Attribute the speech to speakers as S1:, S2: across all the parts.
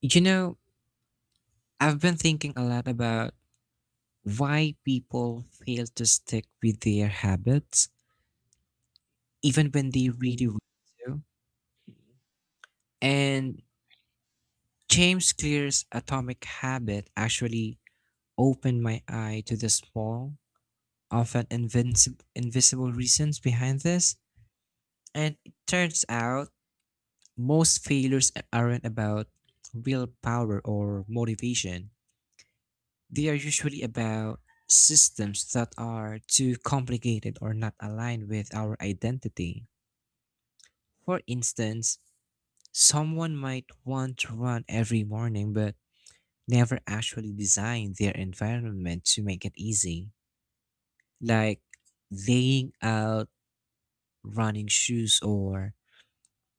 S1: You know, I've been thinking a lot about why people fail to stick with their habits, even when they really want to. And James Clear's Atomic Habit actually opened my eye to the small, often invisible reasons behind this. And it turns out most failures aren't about willpower or motivation. They are usually about systems that are too complicated or not aligned with our identity. For instance, someone might want to run every morning but never actually design their environment to make it easy, like laying out running shoes or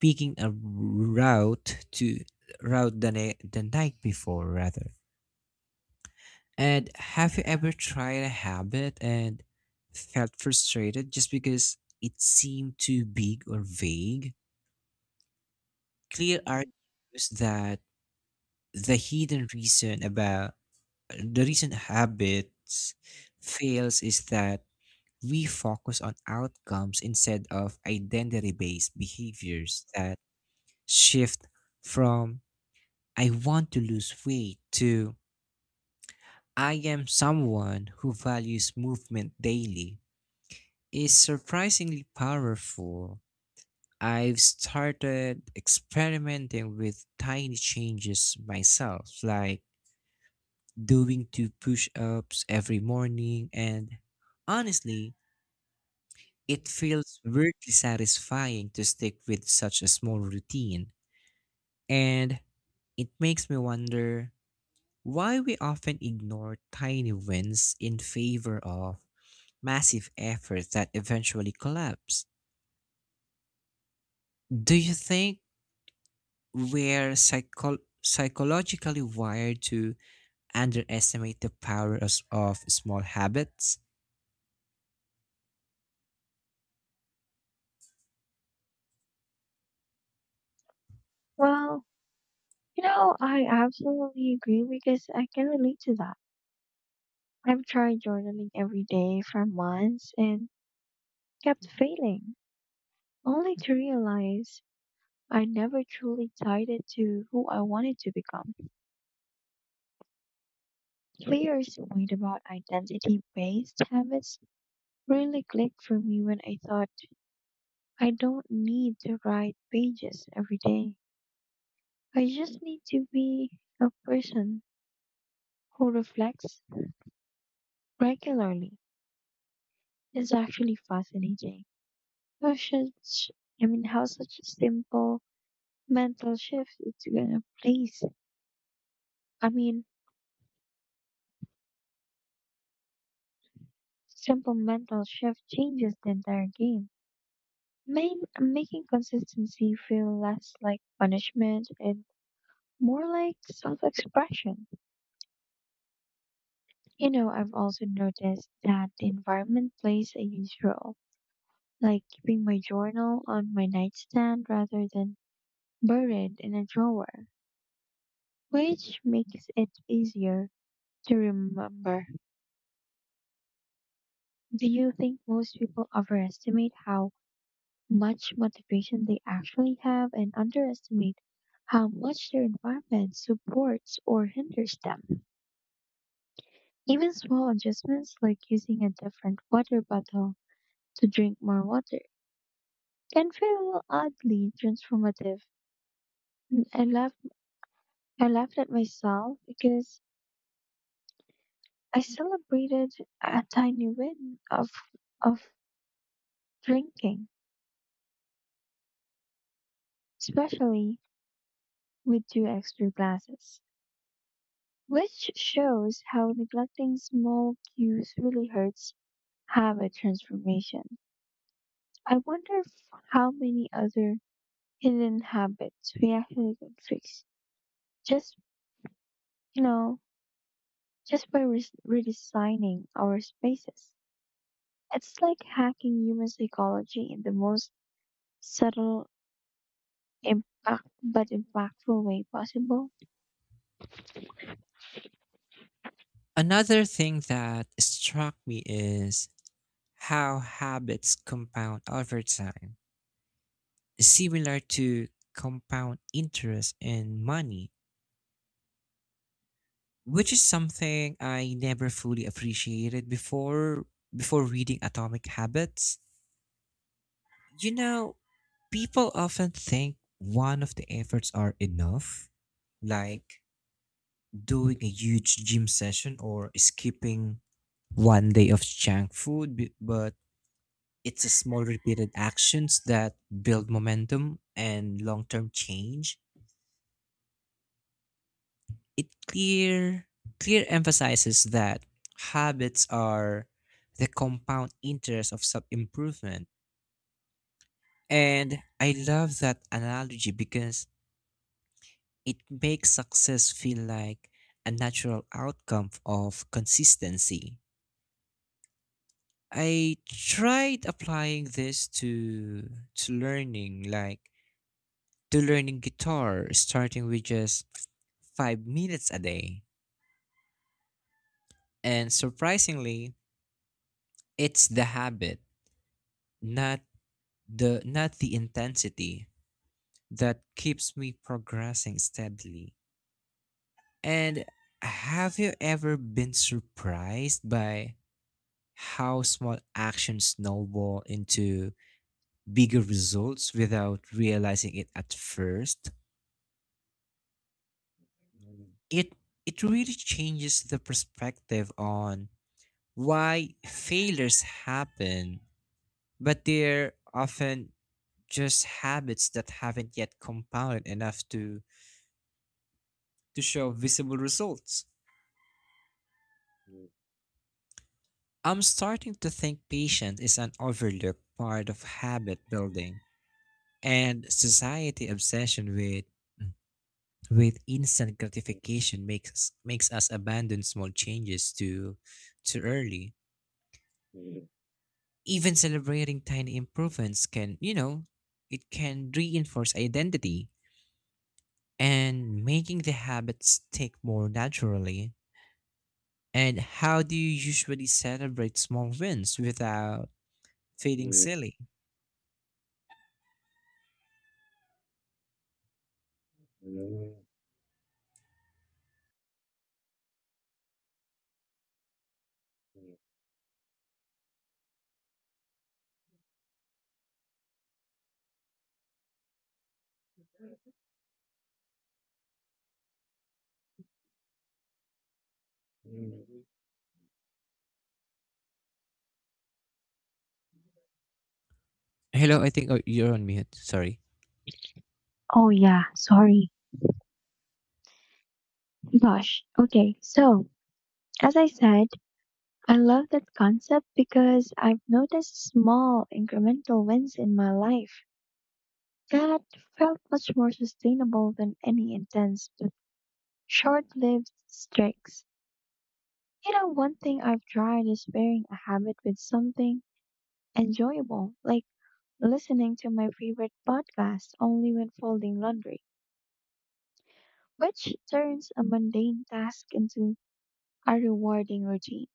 S1: picking a route to the night before rather. And have you ever tried a habit and felt frustrated just because it seemed too big or vague? Clear argues that the hidden reason about the reason habits fails is that we focus on outcomes instead of identity based behaviors that shift from I want to lose weight to I am someone who values movement daily. Is surprisingly powerful. I've started experimenting with tiny changes myself, like doing two push ups every morning, and honestly, it feels weirdly satisfying to stick with such a small routine. And it makes me wonder why we often ignore tiny wins in favor of massive efforts that eventually collapse. Do you think we're psychologically wired to underestimate the power of small habits?
S2: Well, I absolutely agree because I can relate to that. I've tried journaling every day for months and kept failing, only to realize I never truly tied it to who I wanted to become. Clear's point about identity-based habits really clicked for me when I thought I don't need to write pages every day. I just need to be a person who reflects regularly. It's actually fascinating. How should, sh- I mean, how such a simple mental shift is gonna place? I mean, Simple mental shift changes the entire game, making consistency feel less like punishment and more like self-expression. I've also noticed that the environment plays a huge role, like keeping my journal on my nightstand rather than buried in a drawer, which makes it easier to remember. Do you think most people overestimate how much motivation they actually have and underestimate how much their environment supports or hinders them? Even small adjustments like using a different water bottle to drink more water can feel oddly transformative. And I laughed, I laughed at myself because I celebrated a tiny win of drinking, especially with two extra glasses, which shows how neglecting small cues really hurts habit transformation. I wonder if how many other hidden habits we actually can fix just, you know, just by redesigning our spaces. It's like hacking human psychology in the most subtle impactful way possible.
S1: Another thing that struck me is how habits compound over time, similar to compound interest in money, which is something I never fully appreciated before reading Atomic Habits. You know, people often think one of the efforts are enough, like doing a huge gym session or skipping one day of junk food, but it's a small repeated actions that build momentum and long-term change. It clear Clear emphasizes that habits are the compound interest of self-improvement. And I love that analogy because it makes success feel like a natural outcome of consistency. I tried applying this to learning like to learning guitar starting with just 5 minutes a day. And surprisingly, it's the habit, not the intensity that keeps me progressing steadily. And have you ever been surprised by how small actions snowball into bigger results without realizing it at first? it it really changes the perspective on why failures happen, but they're often just habits that haven't yet compounded enough to show visible results. I'm starting to think patience is an overlooked part of habit building, and society obsession with instant gratification makes us abandon small changes too early. Even celebrating tiny improvements can, you know, it can reinforce identity and making the habit stick more naturally. And how do you usually celebrate small wins without feeling silly? Hello, I think oh, you're on mute. Sorry.
S2: Oh yeah, sorry. Gosh. Okay, so as I said, I love that concept because I've noticed small incremental wins in my life that felt much more sustainable than any intense but short-lived streaks. One thing I've tried is pairing a habit with something enjoyable, like listening to my favorite podcast only when folding laundry, which turns a mundane task into a rewarding routine.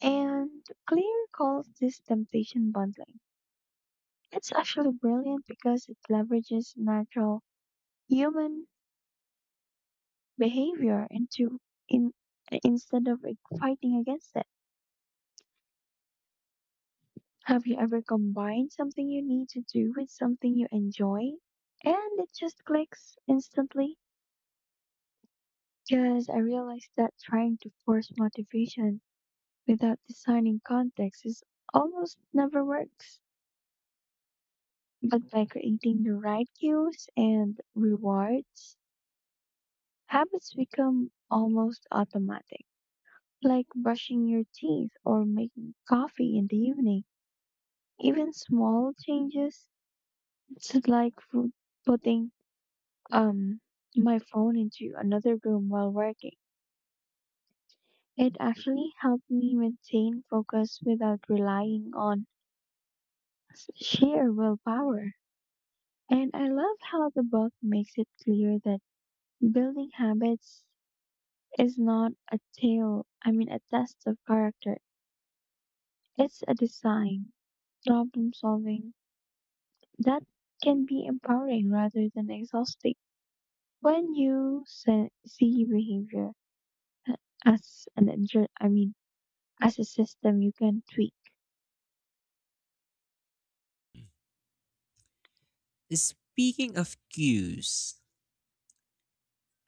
S2: And Clear calls this temptation bundling. It's actually brilliant because it leverages natural human behavior into in instead of fighting against it. Have you ever combined something you need to do with something you enjoy and it just clicks instantly? Because I realized that trying to force motivation without designing context is almost never works. But by creating the right cues and rewards, habits become almost automatic, like brushing your teeth or making coffee in the evening. Even small changes, it's like putting um my phone into another room while working. It actually helped me maintain focus without relying on sheer willpower. And I love how the book makes it clear that building habits is not a tale, I mean, a test of character. It's a design, problem solving, that can be empowering rather than exhausting. When you see behavior a- as an inter- I mean, as a system you can tweak.
S1: Speaking of cues,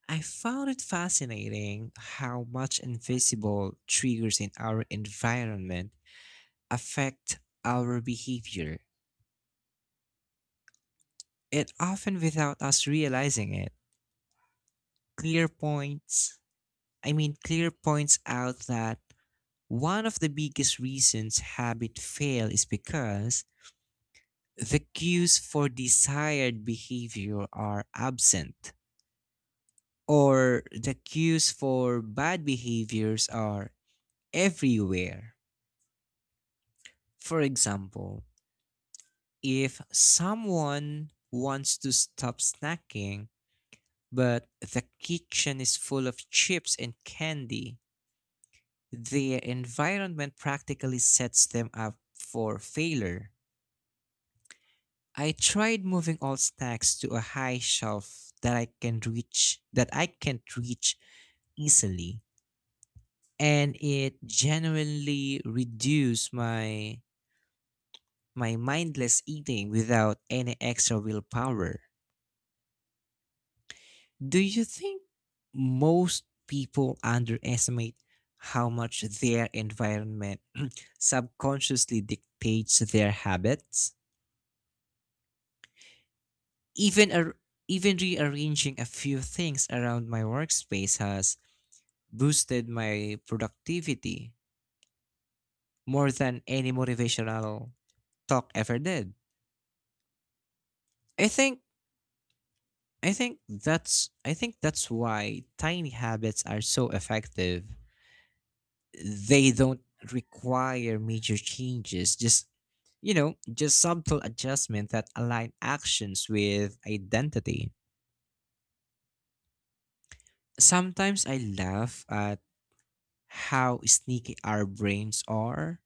S1: I found it fascinating how much invisible triggers in our environment affect our behavior, and often without us realizing it. clear points Clear points out that one of the biggest reasons habit fail is because the cues for desired behavior are absent, or the cues for bad behaviors are everywhere. For example, if someone wants to stop snacking but the kitchen is full of chips and candy, their environment practically sets them up for failure. I tried moving all stacks to a high shelf that I can't reach easily, and it genuinely reduced my mindless eating without any extra willpower. Do you think most people underestimate how much their environment subconsciously dictates their habits? Even ar- Even rearranging a few things around my workspace has boosted my productivity more than any motivational talk ever did. I think I think that's why tiny habits are so effective. They don't require major changes, just you know, just subtle adjustment that align actions with identity. Sometimes I laugh at how sneaky our brains are.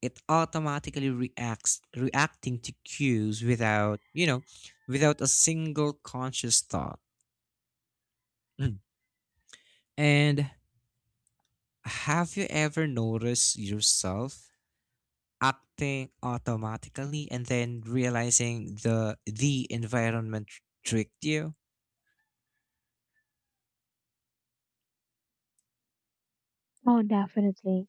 S1: It automatically reacts reacting to cues without, you know, without a single conscious thought. Mm. And have you ever noticed yourself acting automatically and then realizing the environment tricked you?
S2: Oh, definitely.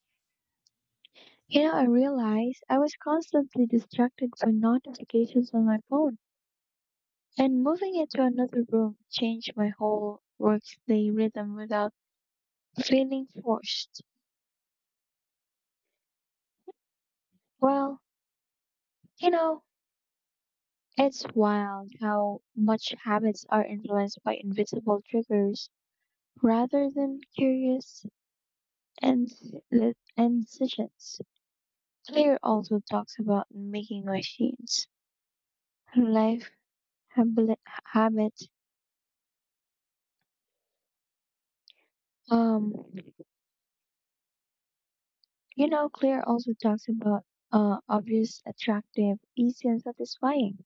S2: I realized I was constantly distracted by notifications on my phone, and moving into another room changed my whole workday rhythm without feeling forced. Well, you know, it's wild how much habits are influenced by invisible triggers rather than curious and and incisions. Claire also talks about making machines, life, habli- habit. Um, Claire also talks about obvious, attractive, easy, and satisfying.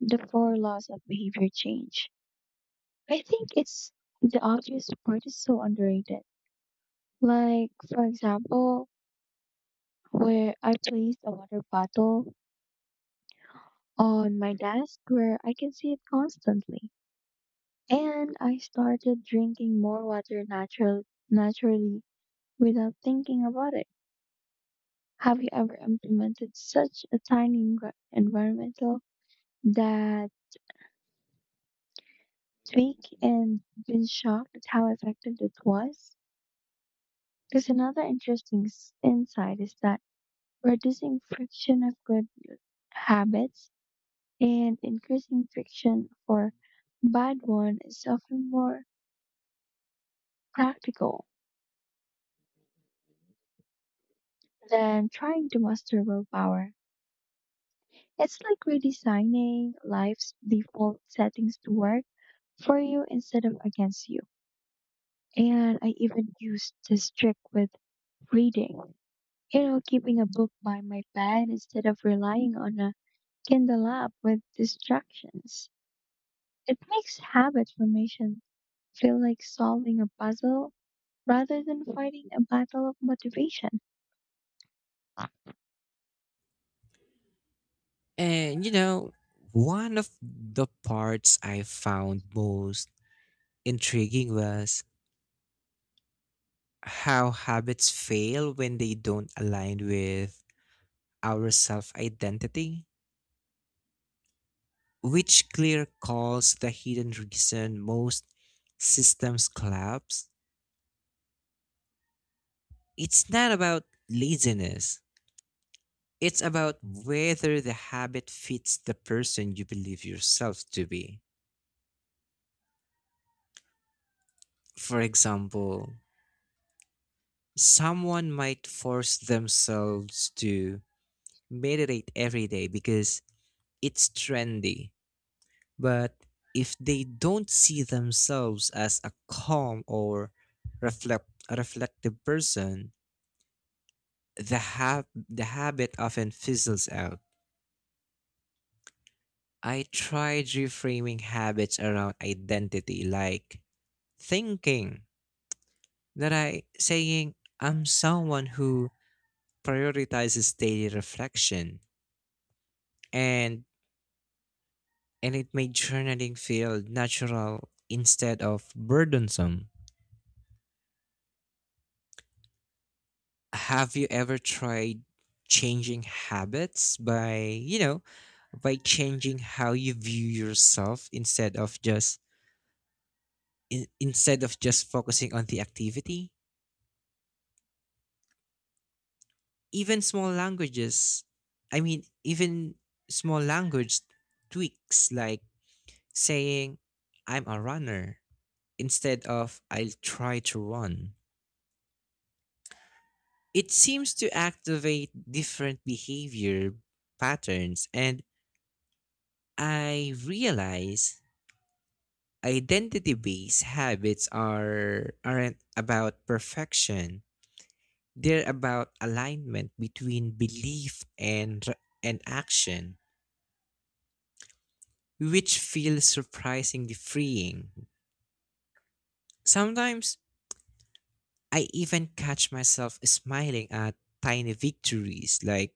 S2: The four laws of behavior change. I think it's The obvious part is so underrated. Like, for example, where I placed a water bottle on my desk where I can see it constantly. And I started drinking more water naturally without thinking about it. Have you ever implemented such a tiny environmental that tweak and been shocked at how effective it was? Because another interesting insight is that reducing friction of good habits and increasing friction for bad one is often more practical than trying to master willpower. It's like redesigning life's default settings to work for you instead of against you. And I even used this trick with reading. Keeping a book by my bed instead of relying on a Kindle app with distractions. It makes habit formation feel like solving a puzzle rather than fighting a battle of motivation.
S1: And you know, one of the parts I found most intriguing was how habits fail when they don't align with our self identity, which clear calls the hidden reason most systems collapse. It's not about laziness, it's about whether the habit fits the person you believe yourself to be. For example, someone might force themselves to meditate every day because it's trendy. But if they don't see themselves as a calm or a reflective person, the habit often fizzles out. I tried reframing habits around identity, like thinking that I saying I'm someone who prioritizes daily reflection and and it made journaling feel natural instead of burdensome. Have you ever tried changing habits by, you know, by changing how you view yourself instead of just instead of just focusing on the activity? Even small languages, even small language tweaks like saying I'm a runner instead of I'll try to run. It seems to activate different behavior patterns and I realize identity-based habits are aren't about perfection. They're about alignment between belief and action, which feels surprisingly freeing. Sometimes I even catch myself smiling at tiny victories like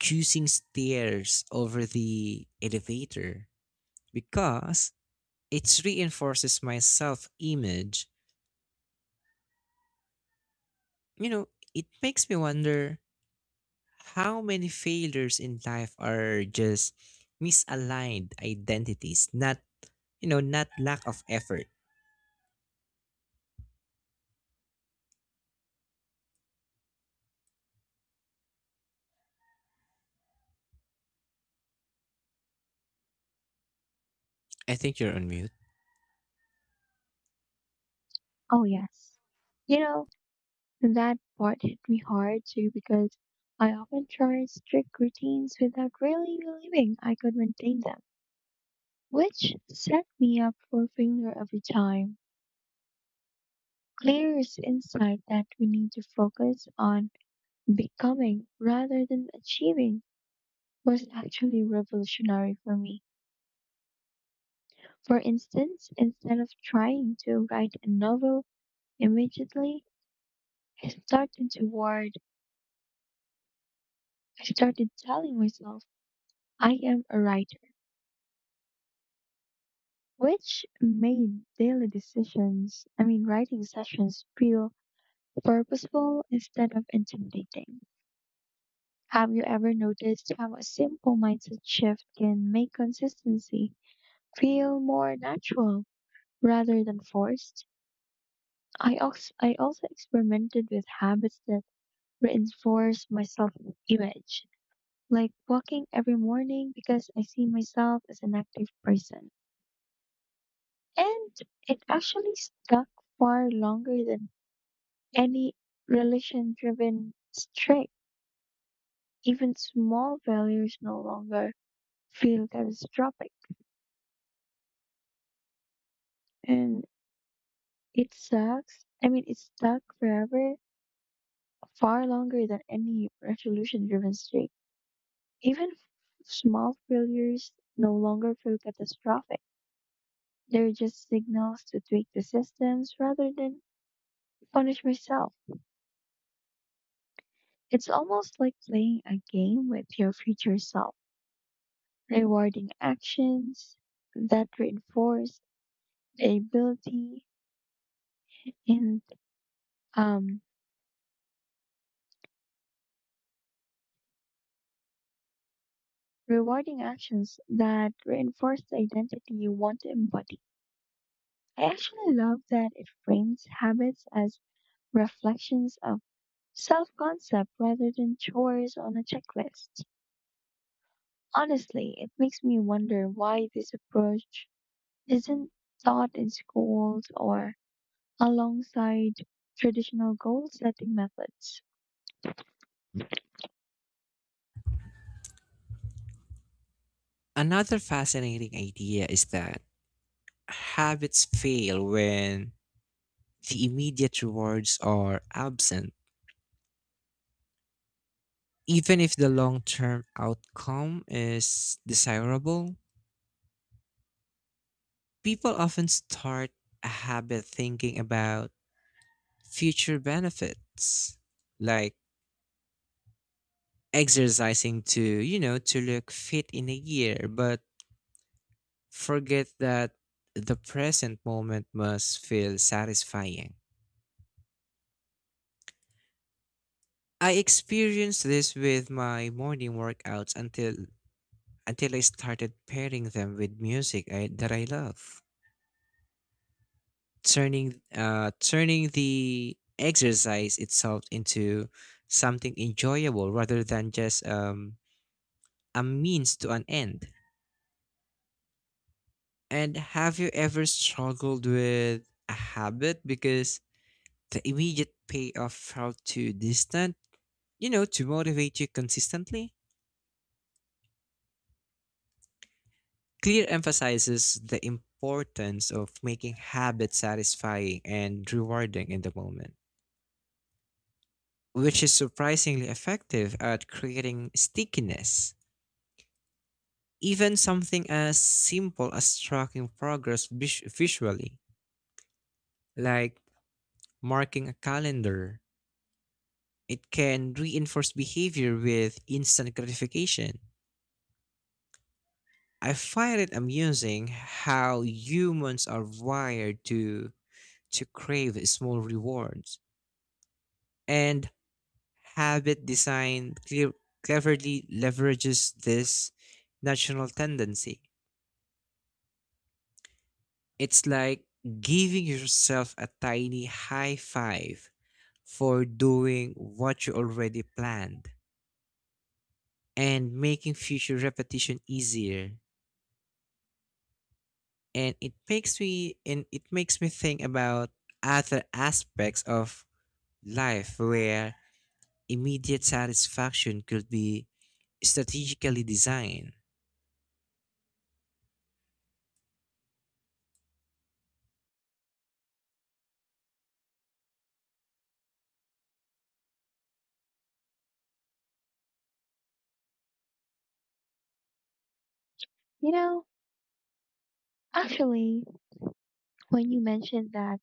S1: choosing stairs over the elevator because it reinforces my self-image. You know, it makes me wonder how many failures in life are just misaligned identities, not you know, not lack of effort. I think you're on mute.
S2: Oh, yes. You know, That part hit me hard too because I often tried strict routines without really believing I could maintain them, which set me up for failure every time. Clear is insight that we need to focus on becoming rather than achieving was actually revolutionary for me. For instance, instead of trying to write a novel immediately, I started toward I started telling myself I am a writer, which made daily decisions, I mean, writing sessions feel purposeful instead of intimidating. Have you ever noticed how a simple mindset shift can make consistency feel more natural rather than forced? I also experimented with habits that reinforce my self image, like walking every morning because I see myself as an active person. And it actually stuck far longer than any relation driven strict, even small failures no longer feel catastrophic. And it sucks. I mean, it's stuck forever, far longer than any resolution driven streak. Even small failures no longer feel catastrophic. They're just signals to tweak the systems rather than punish myself. It's almost like playing a game with your future self, rewarding actions that reinforce ability, and um, rewarding actions that reinforce the identity you want to embody. I actually love that it frames habits as reflections of self concept rather than chores on a checklist. Honestly, it makes me wonder why this approach isn't taught in schools or alongside traditional goal setting methods.
S1: Another fascinating idea is that habits fail when the immediate rewards are absent. Even if the long term outcome is desirable, people often start a habit thinking about future benefits like exercising to, you know, to look fit in a year, but forget that the present moment must feel satisfying. I experienced this with my morning workouts until I started pairing them with music that I love, turning turning the exercise itself into something enjoyable rather than just a means to an end. And have you ever struggled with a habit because the immediate payoff felt too distant, you know, to motivate you consistently? Clear emphasizes the importance of making habits satisfying and rewarding in the moment, which is surprisingly effective at creating stickiness. Even something as simple as tracking progress visually, like marking a calendar, it can reinforce behavior with instant gratification. I find it amusing how humans are wired to crave small rewards. And habit design clear, cleverly leverages this natural tendency. It's like giving yourself a tiny high five for doing what you already planned and making future repetition easier. And it makes me think about other aspects of life where immediate satisfaction could be strategically designed.
S2: You know, actually, when you mentioned that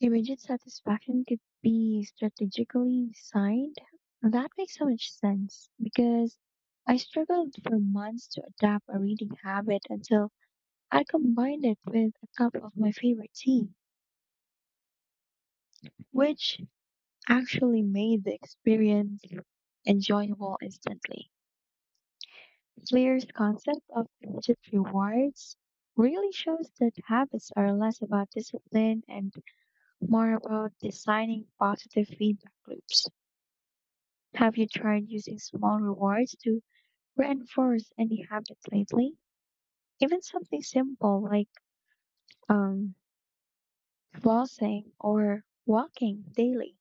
S2: immediate satisfaction could be strategically designed. That makes so much sense because I struggled for months to adapt a reading habit until I combined it with a cup of my favorite tea, which actually made the experience enjoyable instantly. Claire's concept of immediate rewards really shows that habits are less about discipline and more about designing positive feedback loops. Have you tried using small rewards to reinforce any habits lately? Even something simple like um, flossing or walking daily.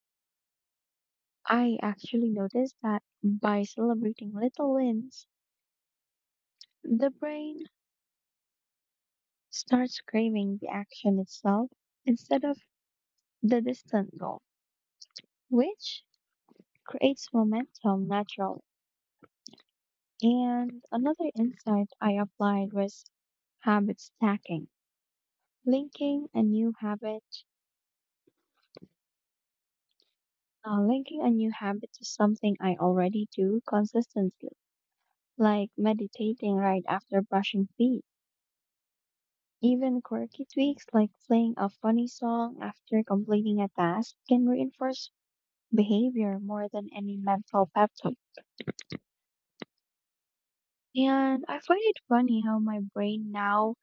S2: I actually noticed that by celebrating little wins, the brain starts craving the action itself instead of the distant goal, which creates momentum naturally. And another insight I applied was habit stacking, linking a new habit linking a new habit to something I already do consistently, like meditating right after brushing teeth. Even quirky tweaks like playing a funny song after completing a task can reinforce behavior more than any mental pep talk. And I find it funny how my brain now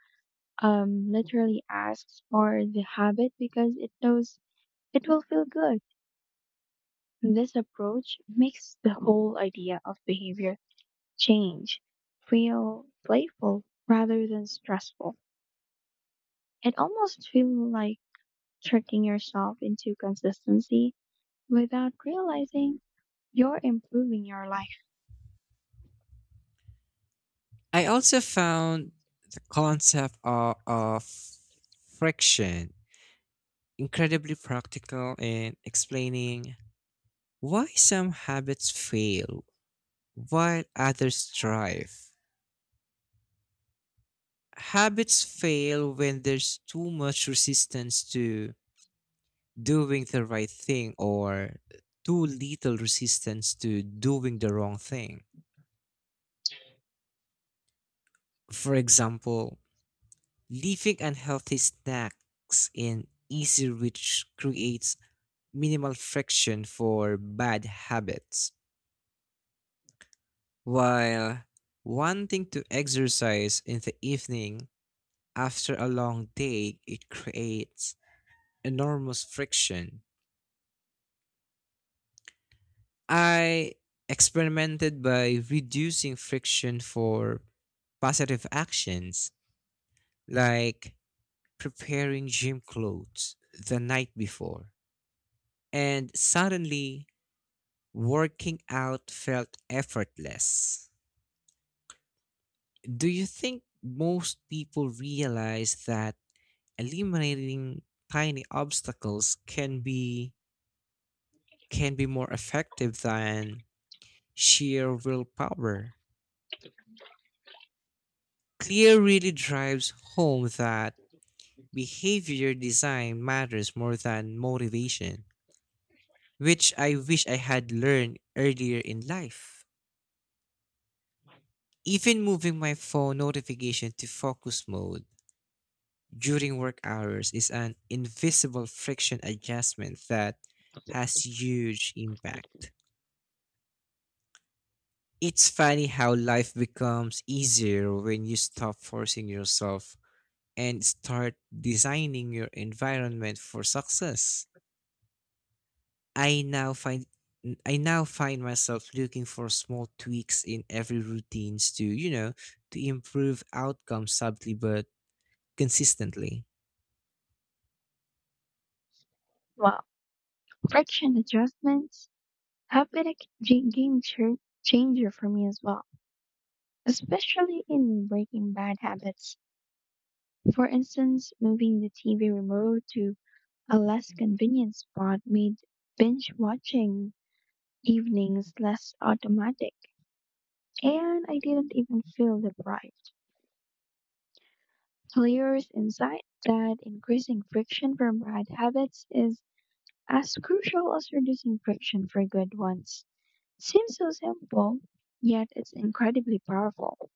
S2: literally asks for the habit because it knows it will feel good. This approach makes the whole idea of behavior change feel playful rather than stressful. It almost feels like tricking yourself into consistency without realizing you're improving your life.
S1: I also found the concept of friction incredibly practical in explaining why some habits fail while others thrive. Habits fail when there's too much resistance to doing the right thing or too little resistance to doing the wrong thing. For example, leaving unhealthy snacks in easy reach creates minimal friction for bad habits. While wanting to exercise in the evening after a long day, it creates enormous friction. I experimented by reducing friction for positive actions like preparing gym clothes the night before. And suddenly, working out felt effortless. Do you think most people realize that eliminating tiny obstacles can be more effective than sheer willpower? Clear really drives home that behavior design matters more than motivation, which I wish I had learned earlier in life. Even moving my phone notification to focus mode during work hours is an invisible friction adjustment that has huge impact. It's funny how life becomes easier when you stop forcing yourself and start designing your environment for success. I now find I now find myself looking for small tweaks in every routines to, you know, to improve outcomes subtly but consistently.
S2: Well, friction adjustments have been a game changer for me as well, especially in breaking bad habits. For instance, moving the TV remote to a less convenient spot made binge watching evenings less automatic and I didn't even feel deprived. Lear's insight that increasing friction from bad habits is as crucial as reducing friction for good ones seems so simple, yet it's incredibly powerful.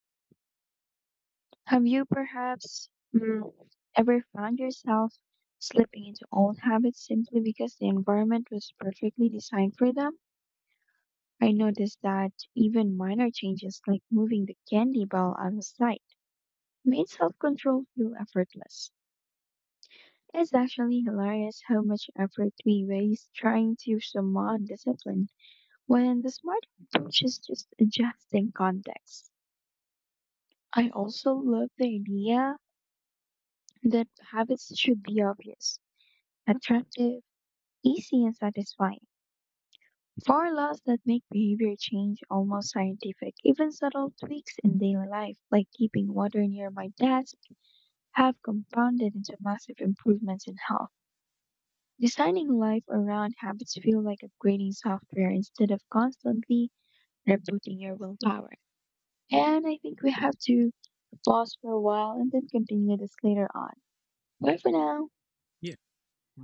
S2: Have you perhaps ever found yourself slipping into old habits simply because the environment was perfectly designed for them? I noticed that even minor changes like moving the candy ball out of sight made self control feel effortless. It's actually hilarious how much effort we waste trying to summon discipline when the smart approach is just adjusting context. I also love the idea that habits should be obvious, attractive, easy, and satisfying. For laws that make behavior change almost scientific, even subtle tweaks in daily life, like keeping water near my desk, have compounded into massive improvements in health. Designing life around habits feel like upgrading software instead of constantly rebooting your willpower. And I think we have to pause for a while and then continue this later on. Bye for now.
S1: Yeah.